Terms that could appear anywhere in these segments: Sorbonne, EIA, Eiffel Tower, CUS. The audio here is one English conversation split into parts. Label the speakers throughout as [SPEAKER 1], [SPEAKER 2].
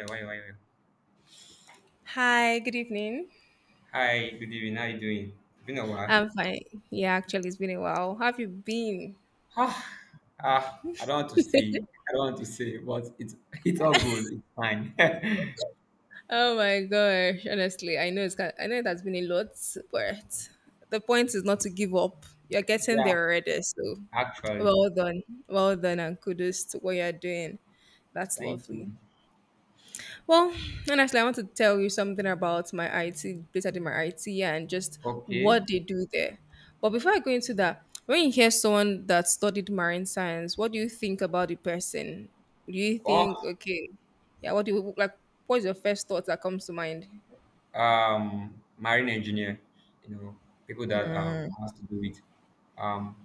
[SPEAKER 1] Yeah, why?
[SPEAKER 2] Hi, good evening.
[SPEAKER 1] Hi, good evening. How you doing? Been a while.
[SPEAKER 2] I'm fine. Yeah, actually, it's been a while. How have you been?
[SPEAKER 1] Ah, I don't want to say. I don't want to say, but it's it's all good. It's fine.
[SPEAKER 2] Oh my gosh, honestly, I know it has been a lot, but the point is not to give up. You're getting
[SPEAKER 1] Yeah,
[SPEAKER 2] there already, so
[SPEAKER 1] actually.
[SPEAKER 2] well done, well
[SPEAKER 1] Yeah,
[SPEAKER 2] done, and kudos to what you're doing. That's
[SPEAKER 1] thank you.
[SPEAKER 2] lovely. Well, honestly, I want to tell you something about my IT, basically my IT and just
[SPEAKER 1] Okay.
[SPEAKER 2] what they do there. But before I go into that, when you hear someone that studied marine science, what do you think about the person? Do you
[SPEAKER 1] Or
[SPEAKER 2] think, okay, yeah, what do you like? What's your first thought that comes to mind?
[SPEAKER 1] marine engineer. You know, people that has to do with um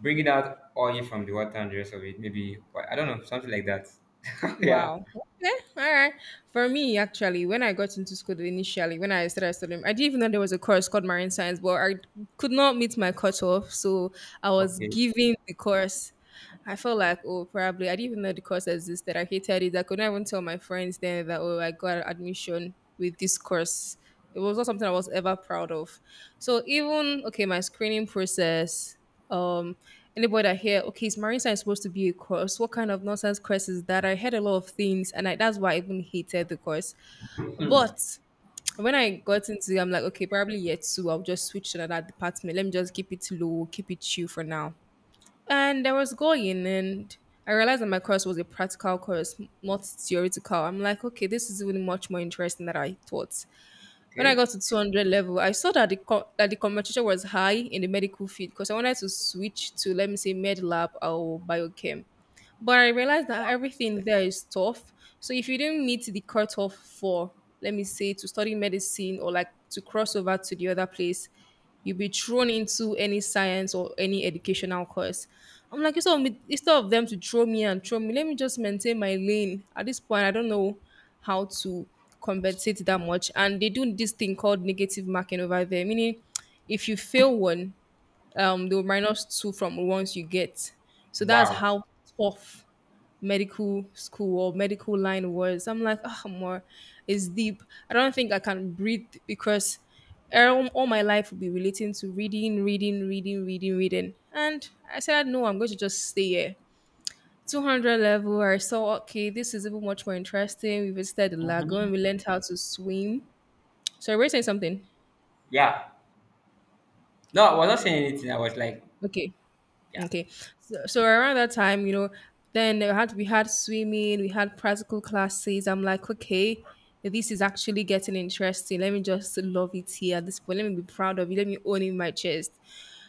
[SPEAKER 1] bringing out oil from the water and the rest of it. Maybe I don't know something like that. Yeah.
[SPEAKER 2] Wow. Okay. All right. For me, actually, when I got into school initially, when I started studying, I didn't even know there was a course called marine science, but I could not meet my cutoff. So I was
[SPEAKER 1] Okay.
[SPEAKER 2] giving the course. I felt like, oh, probably I didn't even know the course existed. I hated it. I could not even tell my friends then that, oh, I got admission with this course. It was not something I was ever proud of. So even okay, my screening process um anybody that hear, okay, is marine science supposed to be a course? What kind of nonsense course is that? I heard a lot of things, that's why I even hated the course.
[SPEAKER 1] Hmm.
[SPEAKER 2] But when I got into it, I'm like, okay, probably year two, I'll just switch to another department. Let me just keep it low, keep it chill for now. And I was going, and I realized that my course was a practical course, not theoretical. I'm like, okay, this is even much more interesting than I thought. When I
[SPEAKER 1] Okay.
[SPEAKER 2] got to 200 level, I saw that that the competition was high in the medical field because I wanted to switch to, let me say, med lab or biochem. But I realized that everything there is tough. So if you didn't meet the cutoff for, let me say, to study medicine or like to cross over to the other place, you'll be thrown into any science or any educational course. I'm like, instead of them to throw me and throw me, let me just maintain my lane. At this point, I don't know how to compensate that much. And they do this thing called negative marking over there, meaning if you fail one, they'll minus two from the ones you get. So that's
[SPEAKER 1] Wow.
[SPEAKER 2] how tough medical school or medical line words. I'm like, oh, more, it's deep. I don't think I can breathe because all my life will be relating to reading, reading, reading, reading, reading. And I said, no, I'm going to just stay here. 200 level, I saw, okay, this is even much more interesting. We visited the
[SPEAKER 1] Mhm.
[SPEAKER 2] lagoon, we learned how to swim. So, were you saying something?
[SPEAKER 1] Yeah. No, I was not saying anything. I was like,
[SPEAKER 2] Okay.
[SPEAKER 1] yeah.
[SPEAKER 2] Okay, so around that time, you know, then we had swimming, we had practical classes. I'm like, okay, this is actually getting interesting. Let me just love it here at this point. Let me be proud of it. Let me own it in my chest.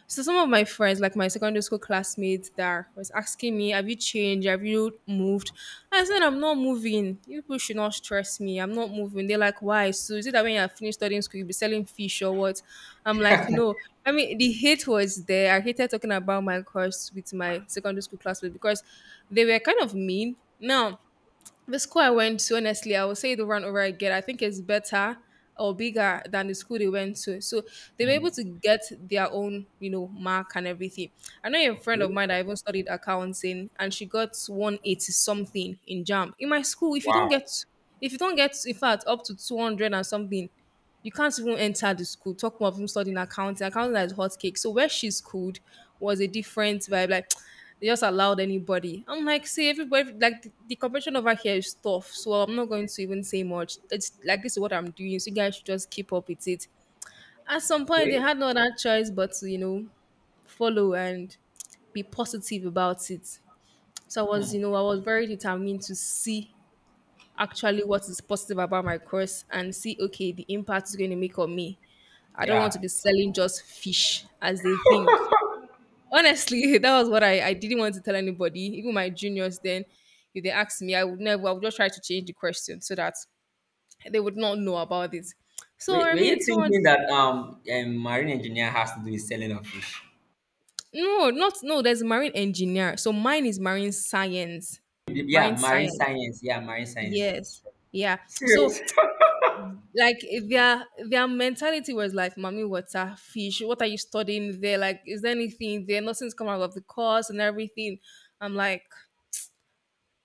[SPEAKER 2] So some of my friends, like my secondary school classmates, that was asking me, "Have you changed? Have you moved?" I said, "I'm not moving. You people should not stress me. I'm not moving." They're like, "Why? So is it that when you're finished studying school, you'll be selling fish or what?" I'm like, "No." I mean, the hate was there. I hated talking about my course with my secondary school classmates because they were kind of mean. Now the school I went to, honestly, I will say it over and over again. I think it's better or bigger than the school they went to. So they were
[SPEAKER 1] Hmm.
[SPEAKER 2] able to get their own, you know, mark and everything. I know a friend of
[SPEAKER 1] Okay.
[SPEAKER 2] mine that even studied accounting and she got 180 something in jam. In my school, if you don't
[SPEAKER 1] Wow.
[SPEAKER 2] get if you don't get in fact up to 200 and something, you can't even enter the school. Talk more of him studying accounting. Accounting is hot cake. So where she schooled was a different vibe. Like they just allowed anybody. I'm like, see, everybody like the competition over here is tough. So I'm not going to even say much. It's like this is what I'm doing. So you guys should just keep up with it. At some point, they
[SPEAKER 1] Okay.
[SPEAKER 2] had no other choice but to follow and be positive about it. So I was,
[SPEAKER 1] Hmm.
[SPEAKER 2] you know, I was very determined to see actually what is positive about my course and see okay the impact it's going to make on me. I don't want to
[SPEAKER 1] Yeah.
[SPEAKER 2] be selling just fish as they think. Honestly, that was what I didn't want to tell anybody. Even my juniors then, if they asked me, I would never, I would just try to change the question so that they would not know about it.
[SPEAKER 1] Were,
[SPEAKER 2] So, I
[SPEAKER 1] were
[SPEAKER 2] mean,
[SPEAKER 1] you
[SPEAKER 2] so
[SPEAKER 1] thinking that a marine engineer has to do with selling of fish?
[SPEAKER 2] no, not, no, there's marine engineer. So mine is marine science. Marine
[SPEAKER 1] Yeah, marine
[SPEAKER 2] science.
[SPEAKER 1] science. Yeah, marine science.
[SPEAKER 2] Yes. Yeah.
[SPEAKER 1] Serious.
[SPEAKER 2] So, like, their mentality was like, mommy water fish, what are you studying there? Like, is there anything there? Nothing's come out of the course and everything. I'm like,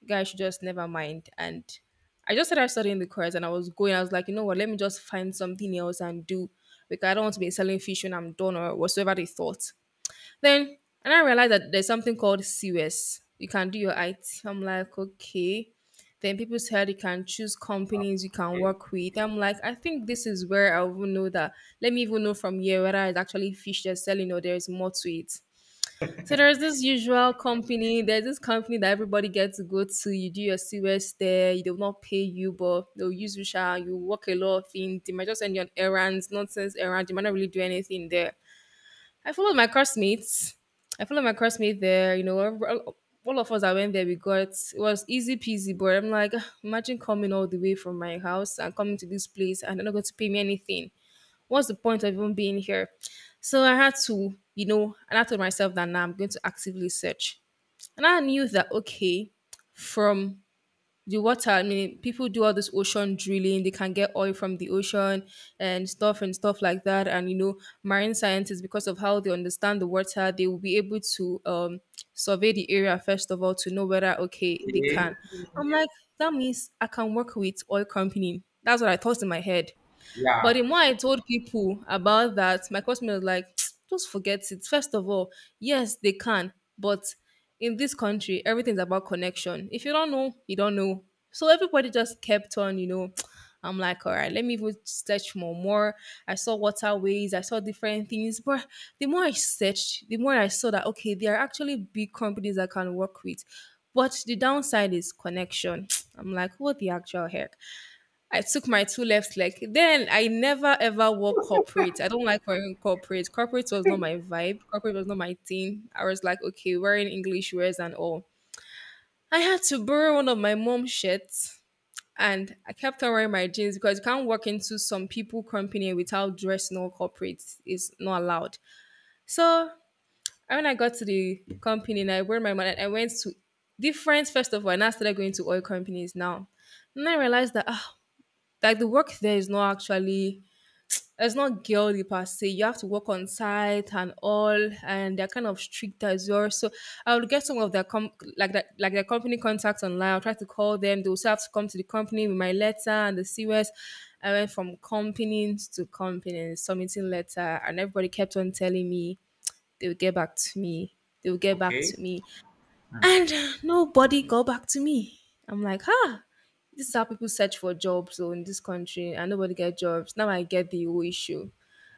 [SPEAKER 2] guys should just never mind. And I just started studying the course, and I was going. I was like, you know what, let me just find something else and do, because I don't want to be selling fish when I'm done or whatsoever they thought then. And I realized that there's something called CUS. You can do your IT. I'm like, okay. Then people said you can choose
[SPEAKER 1] Wow.
[SPEAKER 2] companies you can
[SPEAKER 1] Okay.
[SPEAKER 2] work with. I'm like, I think this is where I will know that. Let me even know from here whether it's actually fish they're selling or there's more to it. So there's this company that everybody gets to go to. You do your CUS there, they will not pay you, but they'll use you, sha, you work a lot of things. They might just send you on errands, nonsense errands. You might not really do anything there. I followed my classmates. I followed my classmate there. You know, all of us I went there, we got it was easy peasy. But I'm like, "Ugh, imagine coming all the way from my house and coming to this place, and they're not going to pay me anything. What's the point of even being here?" So I had to, and I told myself that now I'm going to actively search, and I knew that okay, from the water, I mean, people do all this ocean drilling, they can get oil from the ocean and stuff, and stuff like that. And, you know, marine scientists, because of how they understand the water, they will be able to survey the area first of all to know whether okay they
[SPEAKER 1] Okay.
[SPEAKER 2] can. I'm like, that means I can work with oil company. That's what I thought in my head. But
[SPEAKER 1] Yeah.
[SPEAKER 2] the more I told people about that, my customer was like, just forget it. First of all, yes, they can, but in this country, everything's about connection. If you don't know, you don't know. So everybody just kept on. I'm like, all right, let me even search more. More, I saw waterways, I saw different things. But the more I searched, the more I saw that okay, there are actually big companies I can work with. But the downside is connection. I'm like, what the actual heck? I took my two left leg. Then I never ever work corporate. I don't like wearing corporate. Corporate was not my vibe. Corporate was not my thing. I was like, okay, wearing English wears and all. I had to borrow one of my mom's shirts and I kept on wearing my jeans because you can't walk into some people company without dressing all corporate. It's not allowed. So when I got to the company and I wore my money, I went to different first of all, and I started going to oil companies now. And I realized that ah, like the work there is not actually, it's not girly per se. You have to work on site and all, and they're kind of strict as well. So I would get some of their com like that, like their company contacts online. I'll try to call them. They also have to come to the company with my letter and the COS. I went from companies to companies, submitting letter, and everybody kept on telling me they will get back to me. They will get back
[SPEAKER 1] Okay.
[SPEAKER 2] to me, and nobody got back to me. I'm like, huh, this is how people search for jobs though in this country and nobody get jobs. Now I get the whole issue.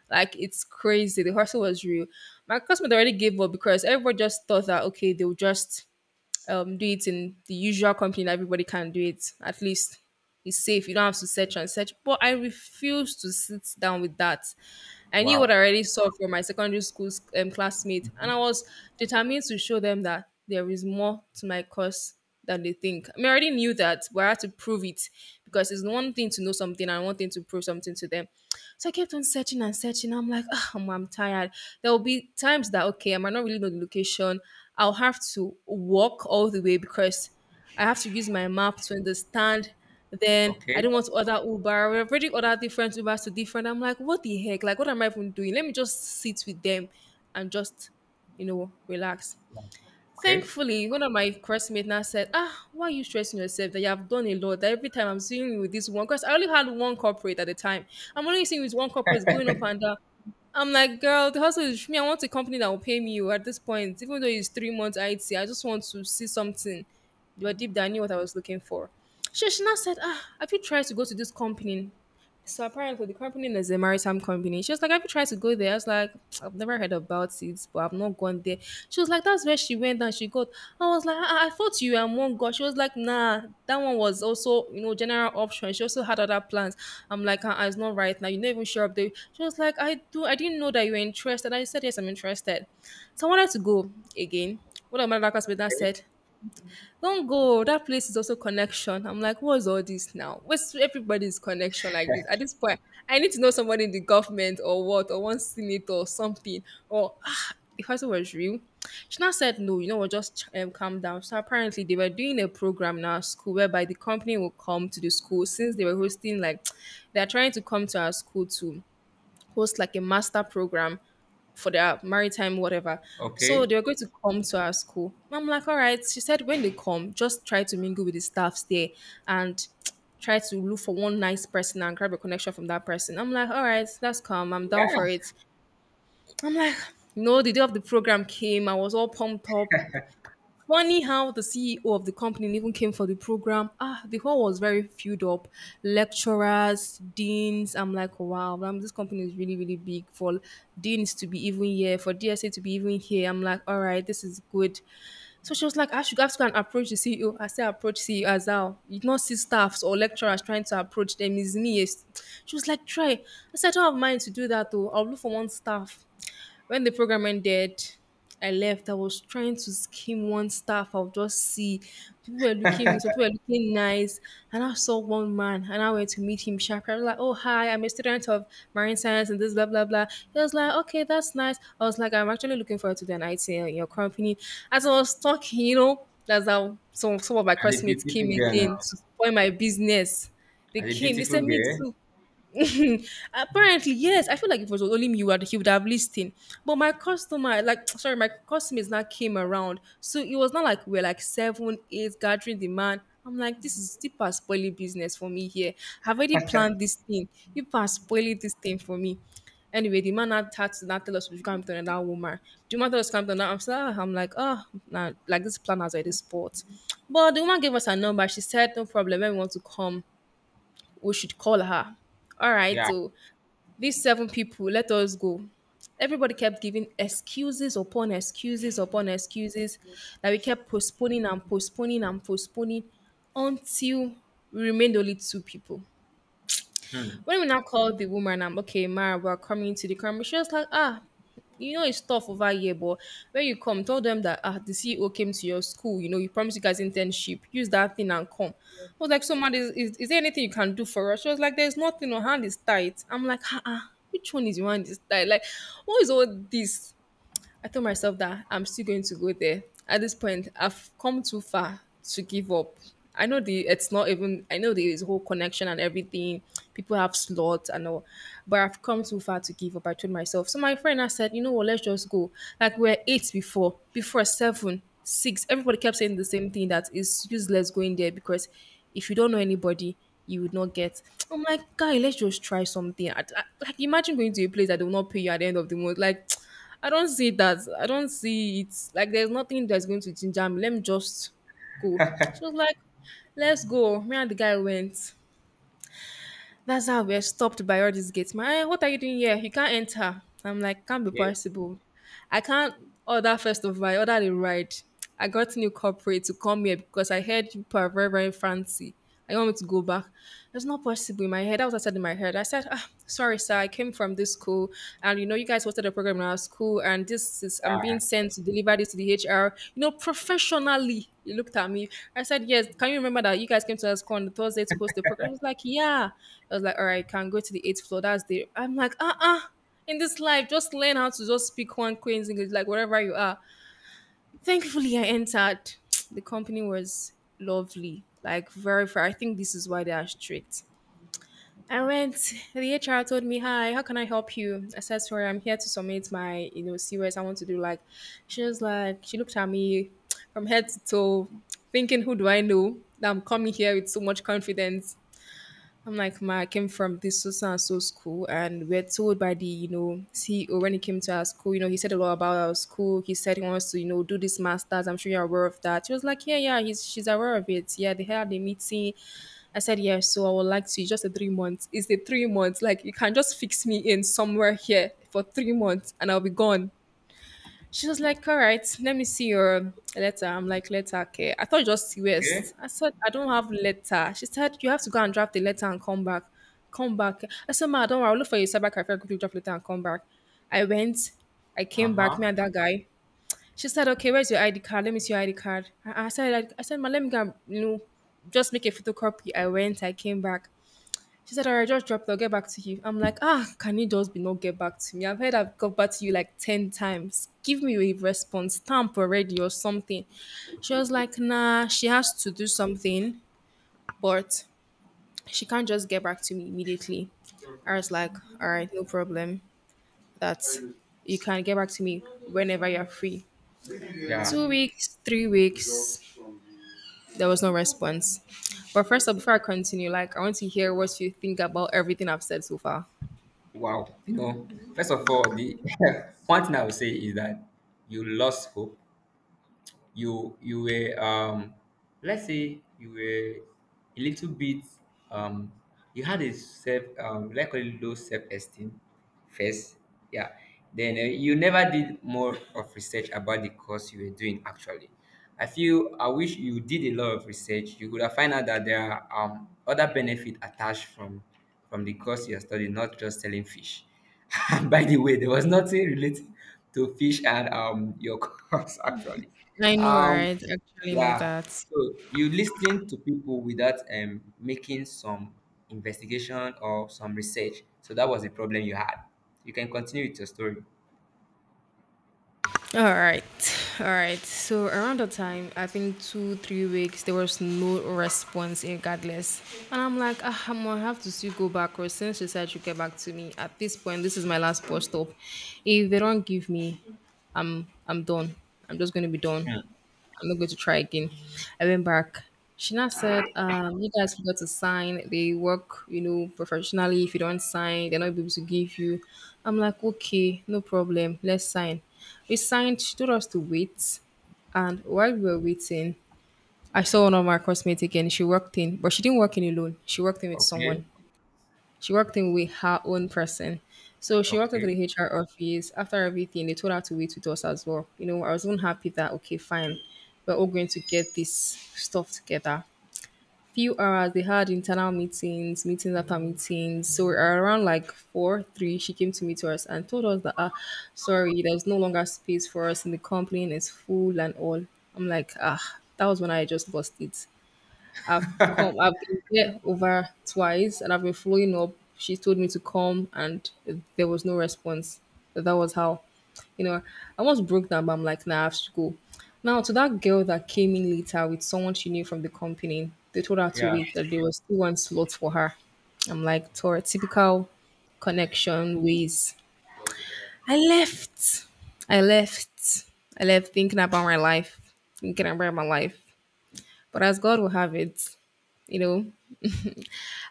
[SPEAKER 2] Like, it's crazy. The hustle was real. My customer already gave up because everybody just thought that, okay, they'll just do it in the usual company that everybody can do it. At least it's safe. You don't have to search and search. But I refuse to sit down with that. I knew what I
[SPEAKER 1] Wow.
[SPEAKER 2] already saw from my secondary school classmate, and I was determined to show them that there is more to my course than they think. I mean, I already knew that, but I had to prove it because it's one thing to know something and one thing to prove something to them. So I kept on searching and searching. I'm like, ah, I'm tired. There will be times that, okay, I might not really know the location. I'll have to walk all the way because I have to use my map to understand. Then I
[SPEAKER 1] Okay.
[SPEAKER 2] don't want to order Uber. We've already ordered different Ubers to different. I'm like, what the heck? Like, what am I even doing? Let me just sit with them and just, relax.
[SPEAKER 1] Okay.
[SPEAKER 2] Thankfully, one of my classmates now said, ah, why are you stressing yourself that you have done a lot? That every time I'm seeing you with this one, because I only had one corporate at the time. I'm only seeing you with one corporate going up and down. I'm like, girl, the hustle is me. I want a company that will pay me at this point. Even though it's 3 months IT, I just want to see something. But deep down, I knew what I was looking for. She now said, ah, have you tried to go to this company? So apparently the company is a maritime company. She was like, have you tried to go there? I was like, I've never heard about it, but I've not gone there. She was like, that's where she went and she got. I was like, I thought you were one God. She was like, nah, that one was also, general option. She also had other plans. I'm like, ah, ah, it's not right now. You're not even sure of the she was like, I do I didn't know that you were interested. I said, yes, I'm interested. So I wanted to go again. One of my locals with that
[SPEAKER 1] Okay.
[SPEAKER 2] said, don't go. That place is also connection. I'm like, what's all this now? What's everybody's connection like this? At this point, I need to know somebody in the government or what, or one senator or something. Or ah, the person was real. She now said, no, you know what, just calm down. So apparently, they were doing a program now, at school, whereby the company will come to the school since they were hosting, like, they're trying to come to our school too host like a master program for their maritime whatever. So
[SPEAKER 1] Okay.
[SPEAKER 2] they were going to come to our school. I'm like, all right. She said, when they come, just try to mingle with the staffs there and try to look for one nice person and grab a connection from that person. I'm like, all right, that's calm. I'm down for
[SPEAKER 1] Yeah.
[SPEAKER 2] it. I'm like, no, the day of the program came. I was all pumped up. Funny how the CEO of the company even came for the program. Ah, the hall was very filled up. Lecturers, deans. I'm like, wow, this company is really, really big for deans to be even here, for DSA to be even here. I'm like, all right, this is good. So she was like, I should have to go and approach the CEO. I said, approach CEO as well. You not see staffs or lecturers trying to approach them. It's me. It's-" She was like, try. I said, I don't have mind to do that though. I'll look for one staff. When the program ended, I left. I was trying to skim one staff. I'll just see. People were looking, some people were looking nice. And I saw one man and I went to meet him sharply. I was like, oh, hi, I'm a student of marine science and this, blah, blah, blah. He was like, okay, that's nice. I was like, I'm actually looking forward to the night in your company. As I was talking, that's how some of my
[SPEAKER 1] As a
[SPEAKER 2] classmates
[SPEAKER 1] beautiful
[SPEAKER 2] came
[SPEAKER 1] girl now.
[SPEAKER 2] again to spoil my business. They
[SPEAKER 1] As a
[SPEAKER 2] came, they
[SPEAKER 1] beautiful
[SPEAKER 2] said, me
[SPEAKER 1] girl.
[SPEAKER 2] too. Apparently, yes. I feel like if it was only me, you would, he would have listened. But my customer, like, sorry, my customers now came around. So it was not like we are like seven, eight gathering demand. I'm like, this is deep as spoiling business for me here. I've already planned this thing. You are spoiling this thing for me. Anyway, the man now had to now tell us we've come to that woman. The man told us come to that? I'm like, oh, nah, like this plan has already spot. But the woman gave us her number. She said, no problem. When we want to come we should call her. All right,
[SPEAKER 1] Yeah.
[SPEAKER 2] so these seven people, let us go. Everybody kept giving excuses upon excuses upon excuses that we kept postponing and postponing and postponing until we remained only two people.
[SPEAKER 1] Hmm.
[SPEAKER 2] When we now called the woman, I'm okay, Mara, we're coming to the camera. She was like, ah, you know it's tough over here, but when you come, tell them that ah, the CEO came to your school. You know, you promised you guys internship. Use that thing and come. I was like, so man, is there anything you can do for us? She was like, there's nothing. Your hand is tight. I'm like, ah, ah, which one is your hand is tight? Like, what is all this? I told myself that I'm still going to go there. At this point, I've come too far to give up. I know the it's not even I know there is whole connection and everything. People have slots and all, but I've come too far to give up. I told myself. So my friend I said, you know what, let's just go. Like we're eight before, before seven, six. Everybody kept saying the same thing that it's useless going there because if you don't know anybody, you would not get. I'm like, guy, let's just try something. Like, imagine going to a place that they will not pay you at the end of the month. Like, I don't see that. I don't see it. Like, there's nothing that's going to ginger me. Let me just go. She was like, let's go. Me and the guy went. That's how we're stopped by all these gates. Man, what are you doing here? You can't enter. I'm like, can't be
[SPEAKER 1] Okay.
[SPEAKER 2] possible. I can't order first of all, I order the ride. I got new corporate to come here because I heard you people are very, very fancy. I want me to go back. It's not possible in my head. That was what I said in my head. I said, ah, sorry, sir, I came from this school and you know you guys hosted a program in our school and this is I'm being
[SPEAKER 1] Yeah.
[SPEAKER 2] sent to deliver this to the HR, professionally. He looked at me. I said, yes, can you remember that you guys came to us on Thursday to host the program? He was like, yeah. I was like, all right, can go to the eighth floor. That's the I'm like, in this life, just learn how to just speak one Queen's English, like wherever you are. Thankfully, I entered. The company was lovely, like very fair. I think this is why they are strict. I went, the HR told me, hi, how can I help you? I said to her, I'm here to submit my, COS I want to do. Like, she was like, she looked at me from head to toe, thinking, who do I know? That I'm coming here with so much confidence. I'm like, ma, I came from this so so and so school, and we're told by the CEO when he came to our school, you know, he said a lot about our school. He said he wants to do this masters. I'm sure you're aware of that. She was like, yeah, yeah, he's she's aware of it. Yeah, they had the meeting. I said, yeah, so I would like to just a 3 months. It's the 3 months. Like you can just fix me in somewhere here for 3 months, and I'll be gone. She was like, all right, let me see your letter. I'm like, letter, okay. I thought just US.
[SPEAKER 1] Okay.
[SPEAKER 2] I said, I don't have letter. She said, you have to go and draft the letter and come back. I said, ma, don't worry, I'll look for your cyber cafe. I'll quickly draft letter and come back. I went, I
[SPEAKER 1] Uh
[SPEAKER 2] came back, me
[SPEAKER 1] huh.
[SPEAKER 2] and that guy. She said, okay, where's your ID card? Let me see your ID card. I said, like, I said, ma, let me go, and, just make a photocopy. I went, I came back. She said, all right, just drop it. I'll get back to you. I'm like, ah, can you just be not get back to me? I've heard I've got back to you like 10 times. Give me a response stamp already or something. She was like, nah, she has to do something, but she can't just get back to me immediately. I was like, all right, no problem. That's you can get back to me whenever you're free.
[SPEAKER 1] Yeah.
[SPEAKER 2] 2 weeks, 3 weeks, there was no response. But first up, before I continue, like I want to hear what you think about everything I've said so far.
[SPEAKER 1] Wow. You know, first of all, the one thing I would say is that you lost hope. You were let's say you were a little bit um you had a self like a low self esteem first, yeah. Then you never did more of research about the course you were doing actually. I feel, I wish you did a lot of research. You could have find out that there are other benefit attached from the course you're studying, not just selling fish. By the way, there was nothing related to fish and your course actually.
[SPEAKER 2] I know,
[SPEAKER 1] Um
[SPEAKER 2] right? I actually know
[SPEAKER 1] yeah.
[SPEAKER 2] that.
[SPEAKER 1] So you listen to people without making some investigation or some research. So that was the problem you had. You can continue with your story.
[SPEAKER 2] All right, all right. So around the time, I think two, 3 weeks, there was no response regardless, and I'm like, ah, I'm gonna have to still go back. Or since she said she get back to me, at this point, this is my last bus stop. If they don't give me, I'm done. I'm just gonna be done.
[SPEAKER 1] Hmm.
[SPEAKER 2] I'm not going to try again. I went back. She now said, you guys forgot to sign. They work, you know, professionally. If you don't sign, they're not able to give you. I'm like, okay, no problem. Let's sign. We signed. She told us to wait. And while we were waiting, I saw one of my classmates again. She worked in, but she didn't work in alone. She worked in with
[SPEAKER 1] Okay.
[SPEAKER 2] someone. She worked in with her own person. So she walked into
[SPEAKER 1] Okay.
[SPEAKER 2] the HR office. After everything, they told her to wait with us as well. You know, I was even happy that, okay, fine, we're all going to get this stuff together. Few hours, they had internal meetings, meetings after meetings. So around like four, three, she came to meet us and told us that, ah, sorry, there's no longer space for us in the company and it's full and all. I'm like, ah, that was when I just lost it. I've come, I've been there over twice and I've been following up. She told me to come and there was no response. That was how, you know, I once broke down, but I'm like, nah, I have to go. Now, to that girl that came in later with someone she knew from the company, they told her to
[SPEAKER 1] Yeah.
[SPEAKER 2] wait, that there was still one slot for her. I'm like, Tora, typical connection ways. I left. I left. I left thinking about my life, thinking about my life. But as God will have it, you know,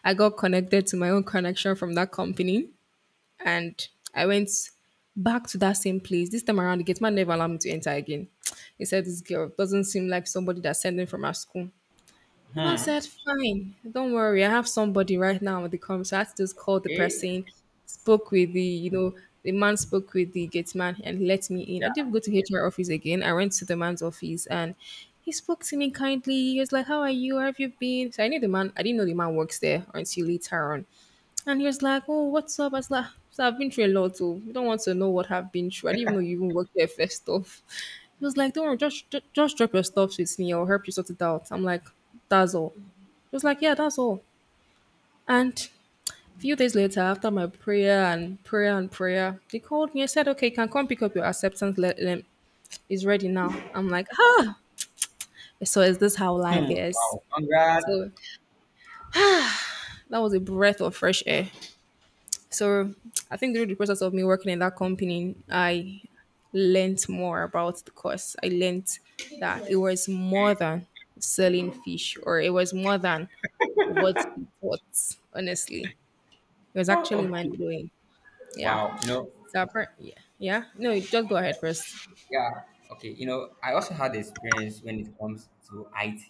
[SPEAKER 2] I got connected to my own connection from that company and I went back to that same place. This time around, the gate man never allowed me to enter again. He said, this girl doesn't seem like somebody that's sending from our school. And I
[SPEAKER 1] Hmm.
[SPEAKER 2] said, fine, don't worry. I have somebody right now at the com. So I had to just call the
[SPEAKER 1] Eh?
[SPEAKER 2] person, spoke with the, you know, the man spoke with the gate man and let me in. I didn't go to HR office again. I went to the man's office and he spoke to me kindly. He was like, how are you? How have you been? So I knew the man. I didn't know the man works there until later on. And he was like, oh, what's up? I was like, so I've been through a lot, too. You don't want to know what I've been through. I didn't even know you even worked there first off. He was like, don't worry, just drop your stuff with me. I'll help you sort it out. I'm like, that's all. He was like, yeah, that's all. And a few days later, after my prayer and prayer and prayer, they called me and said, okay, you can come pick up your acceptance letter. It's ready now. I'm like, ah, so is this how life
[SPEAKER 1] Hmm.
[SPEAKER 2] is?
[SPEAKER 1] Wow. Congrats.
[SPEAKER 2] So that was a breath of fresh air. So I think during the process of me working in that company, I learnt more about the course. I learnt that it was more than selling fish or it was more than what we bought, honestly. It was
[SPEAKER 1] Oh,
[SPEAKER 2] actually mind
[SPEAKER 1] okay.
[SPEAKER 2] blowing. Yeah.
[SPEAKER 1] Wow. You know,
[SPEAKER 2] So yeah. Yeah. No, you just go ahead first.
[SPEAKER 1] yeah. Okay. You know, I also had experience when it comes to IT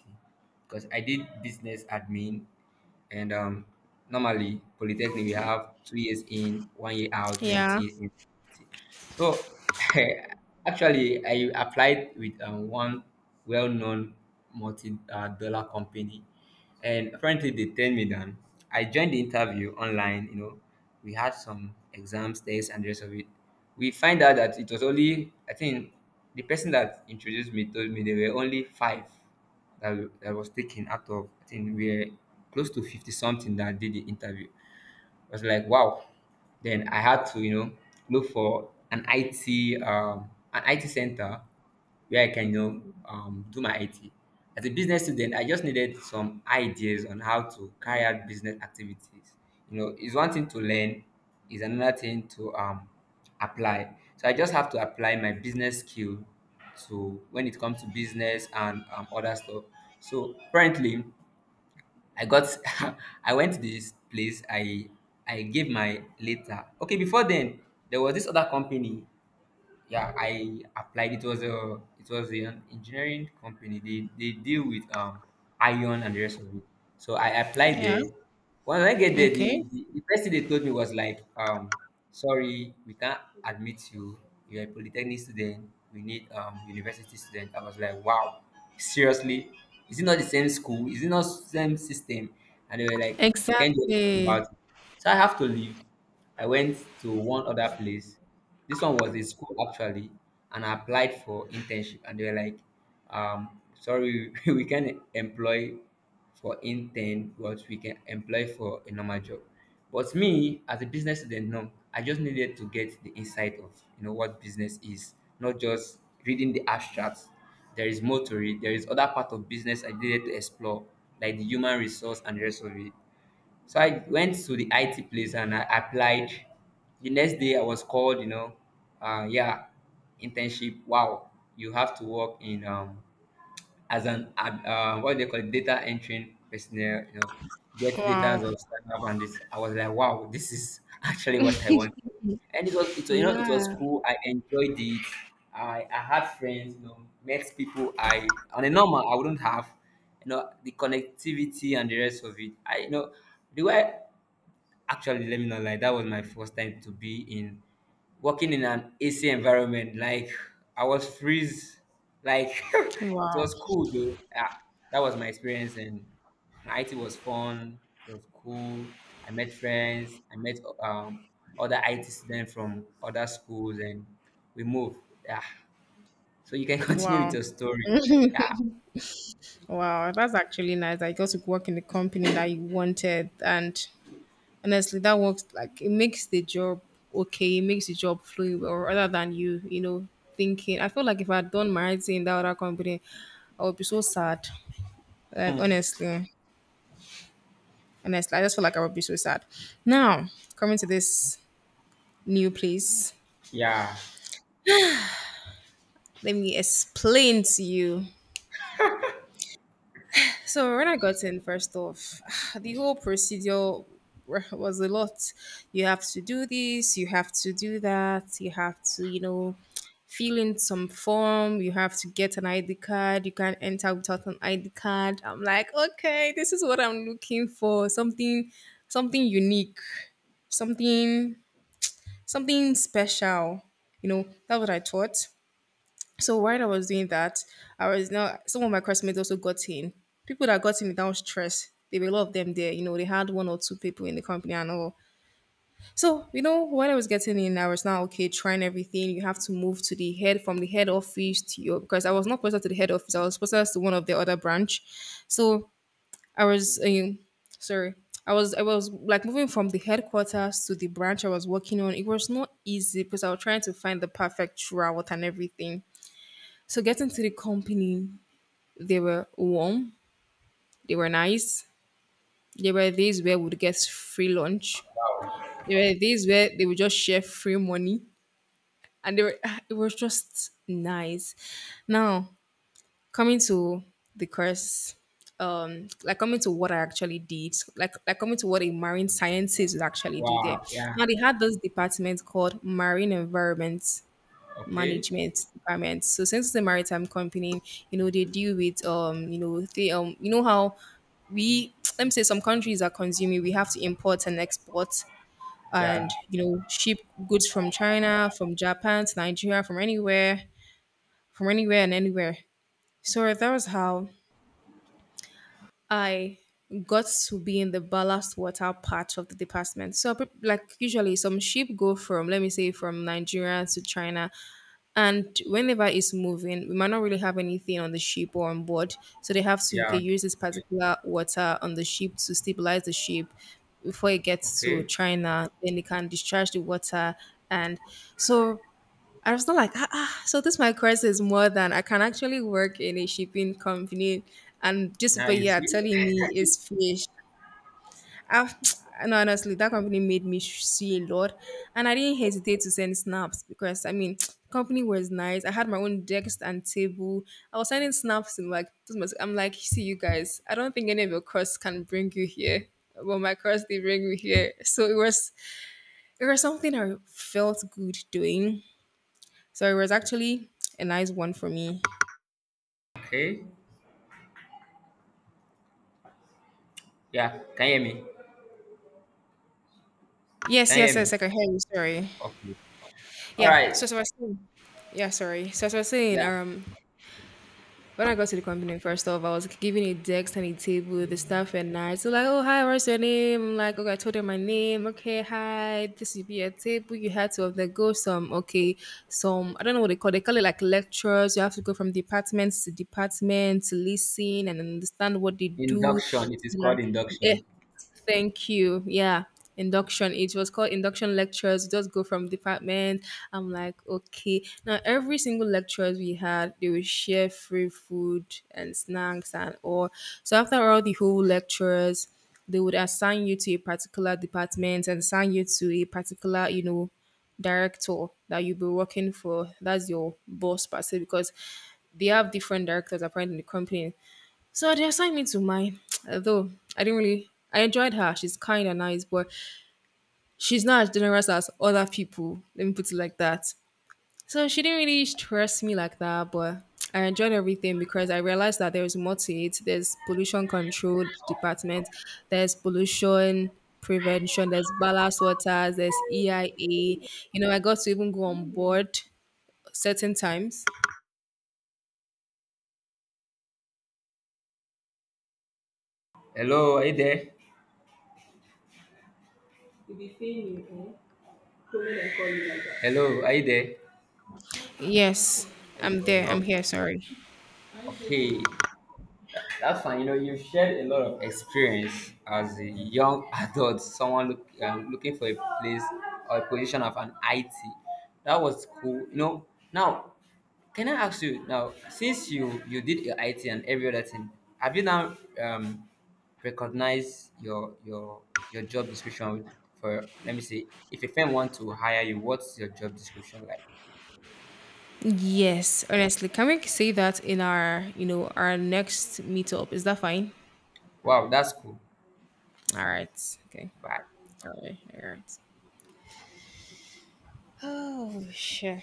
[SPEAKER 1] because I did business admin and normally, polytechnic, we have two years in, one year out, then
[SPEAKER 2] Yeah,
[SPEAKER 1] two years in. So actually, I applied with one well-known multi-dollar company, and apparently they turned me down. I joined the interview online. You know, we had some exams, tests, and the rest of it. We find out that it was only, I think the person that introduced me told me there were only five that, that was taken out of, I think we were close to 50 something that did the interview. I was like, wow. Then I had to, you know, look for an IT center where I can, you know, do my IT. As a business student, I just needed some ideas on how to carry out business activities. You know, it's one thing to learn, is another thing to apply. So I just have to apply my business skill to when it comes to business and other stuff. So currently, I got I went to this place. I gave my letter. Okay, before then there was this other company, yeah, I applied. It was a, it was an engineering company. They deal with iron and the rest of it. So I applied
[SPEAKER 2] yeah.
[SPEAKER 1] there. When I get there,
[SPEAKER 2] Okay.
[SPEAKER 1] the first thing they told me was like, sorry, we can't admit you. You're a polytechnic student, we need university student. I was like, wow, seriously, is it not the same school? Is it not same system? And they were like, we can't do anything
[SPEAKER 2] Exactly.
[SPEAKER 1] about it. So I have to leave. I went to one other place. This one was a school actually, and I applied for internship, and they were like, "Sorry, we can employ for intern, but we can employ for a normal job." But me, as a business student, no, I just needed to get the insight of, you know, what business is, not just reading the abstracts. There is more to it. There is other part of business I needed to explore, like the human resource and the rest of it. So I went to the IT place and I applied. The next day I was called, you know, yeah, internship. Wow, you have to work in as an what they call it, data entering personnel. You know, get data
[SPEAKER 2] Wow.
[SPEAKER 1] of startup and this. I was like, wow, this is actually what I want. And you know, it was
[SPEAKER 2] Yeah.
[SPEAKER 1] cool. I enjoyed it. I had friends, you know, met people I on a normal I wouldn't have, you know, the connectivity and the rest of it. I, you know, the way, actually, let me not lie, that was my first time to be in working in an AC environment. Like I was freeze. Like it
[SPEAKER 2] Wow.
[SPEAKER 1] was cool though. Yeah, that was my experience and IT was fun. It was cool. I met friends. I met other IT students from other schools, and we moved. Yeah. So you can continue with
[SPEAKER 2] Wow.
[SPEAKER 1] your story. Yeah.
[SPEAKER 2] Wow. That's actually nice. I got to work in the company that you wanted, and honestly that works like it makes the job okay, it makes the job flowing well rather than you know thinking. I feel like if I had done my writing in that other company, I would be so sad, like honestly, honestly, I just feel like I would be so sad. Now coming to this new place,
[SPEAKER 1] Yeah.
[SPEAKER 2] let me explain to you. So when I got in, first off, the whole procedure was a lot. You have to do this, you have to do that, you have to, you know, fill in some form, you have to get an ID card, you can't enter without an ID card. I'm like, okay, this is what I'm looking for. Something unique, something something special. You know, that's what I thought. So while I was doing that, I was now some of my classmates also got in. People that got in without stress, there were a lot of them there. You know, they had one or two people in the company and all. So you know, when I was getting in, I was now okay trying everything. You have to move to the head from the head office to your because I was not posted to the head office. I was posted to one of the other branch. So I was sorry. I was like moving from the headquarters to the branch I was working on. It was not easy because I was trying to find the perfect route and everything. So getting to the company, they were warm, they were nice. There were days where we'd get free lunch. There were days where they would just share free money, and they were it was just nice. Now coming to the course, like coming to what I actually did, like coming to what a marine sciences would actually do there.
[SPEAKER 1] Wow. Yeah.
[SPEAKER 2] Now they had this department called marine environment
[SPEAKER 1] Okay.
[SPEAKER 2] management department. So since it's a maritime company, you know, they deal with you know, they you know how we let me say some countries are consuming, we have to import and export
[SPEAKER 1] Yeah.
[SPEAKER 2] and you know, ship goods from China, from Japan to Nigeria, from anywhere and anywhere. So that was how I got to be in the ballast water part of the department. So, like usually, some ship go from let me say from Nigeria to China, and whenever it's moving, we might not really have anything on the ship or on board. So they have to okay,
[SPEAKER 1] Yeah.
[SPEAKER 2] use this particular water on the ship to stabilize the ship before it gets to
[SPEAKER 1] Okay.
[SPEAKER 2] China. Then they can discharge the water. And so I was not like, ah, ah, so this my course is more than I can actually work in a shipping company. And this,
[SPEAKER 1] Now
[SPEAKER 2] but
[SPEAKER 1] you
[SPEAKER 2] yeah,
[SPEAKER 1] see.
[SPEAKER 2] telling me it's fish. I've, and honestly, that company made me see a lot, and I didn't hesitate to send snaps because I mean, the company was nice. I had my own desk and table. I was sending snaps and like, this I'm like, see you guys. I don't think any of your costs can bring you here, but my costs they bring me here. So it was something I felt good doing. So it was actually a nice one for me.
[SPEAKER 1] Okay. Yeah, can you hear me?
[SPEAKER 2] Yes,
[SPEAKER 1] Can you
[SPEAKER 2] yes,
[SPEAKER 1] hear
[SPEAKER 2] yes.
[SPEAKER 1] me?
[SPEAKER 2] I can hear you. Sorry.
[SPEAKER 1] Okay. All
[SPEAKER 2] Yeah.
[SPEAKER 1] right.
[SPEAKER 2] So as I was saying, yeah, sorry. So as I was saying,
[SPEAKER 1] Yeah.
[SPEAKER 2] when I got to the company, first off, I was given a desk and a table. The staff were nice. So like, oh hi, what's your name? I'm like, okay, I told them my name. Okay, hi. This will be your table. You had to undergo some, okay, some I don't know what they call. They call it like lectures. You have to go from department to department to listen and understand what they do. So
[SPEAKER 1] Induction. It is
[SPEAKER 2] that-
[SPEAKER 1] called
[SPEAKER 2] yeah,
[SPEAKER 1] induction.
[SPEAKER 2] thank you. Yeah. Induction. It was called induction lectures. Just go from department. I'm like, okay. Now every single lectures we had, they would share free food and snacks and all. So after all the whole lectures, they would assign you to a particular department and assign you to a particular, you know, director that you'll be working for. That's your boss per se, because they have different directors apparently in the company. So they assigned me to mine, although I didn't really. I enjoyed her. She's kind and nice, but she's not as generous as other people. Let me put it like that. So she didn't really stress me like that, but I enjoyed everything because I realized that there is more to it. There's pollution control department, there's pollution prevention, there's ballast waters, there's EIA. You know, I got to even go on board certain times.
[SPEAKER 1] Hello, are you there? You'll be seeing me, eh? Calling and calling like that. Hello, are you there?
[SPEAKER 2] Yes, I'm there. I'm here.
[SPEAKER 1] Okay.
[SPEAKER 2] Sorry.
[SPEAKER 1] Okay. That's fine. You know, you've shared a lot of experience as a young adult, someone look, looking for a place or a position of an IT. That was cool. You know, now can I ask you now, since you did your IT and every other thing, have you now recognized your job description? For, let me see, if a firm want to hire you, what's your job description like?
[SPEAKER 2] Yes, honestly, can we say that in our, you know, our next meetup? Is that fine?
[SPEAKER 1] Wow, that's cool.
[SPEAKER 2] All right. Okay.
[SPEAKER 1] Bye.
[SPEAKER 2] All right. All right. Oh, shit.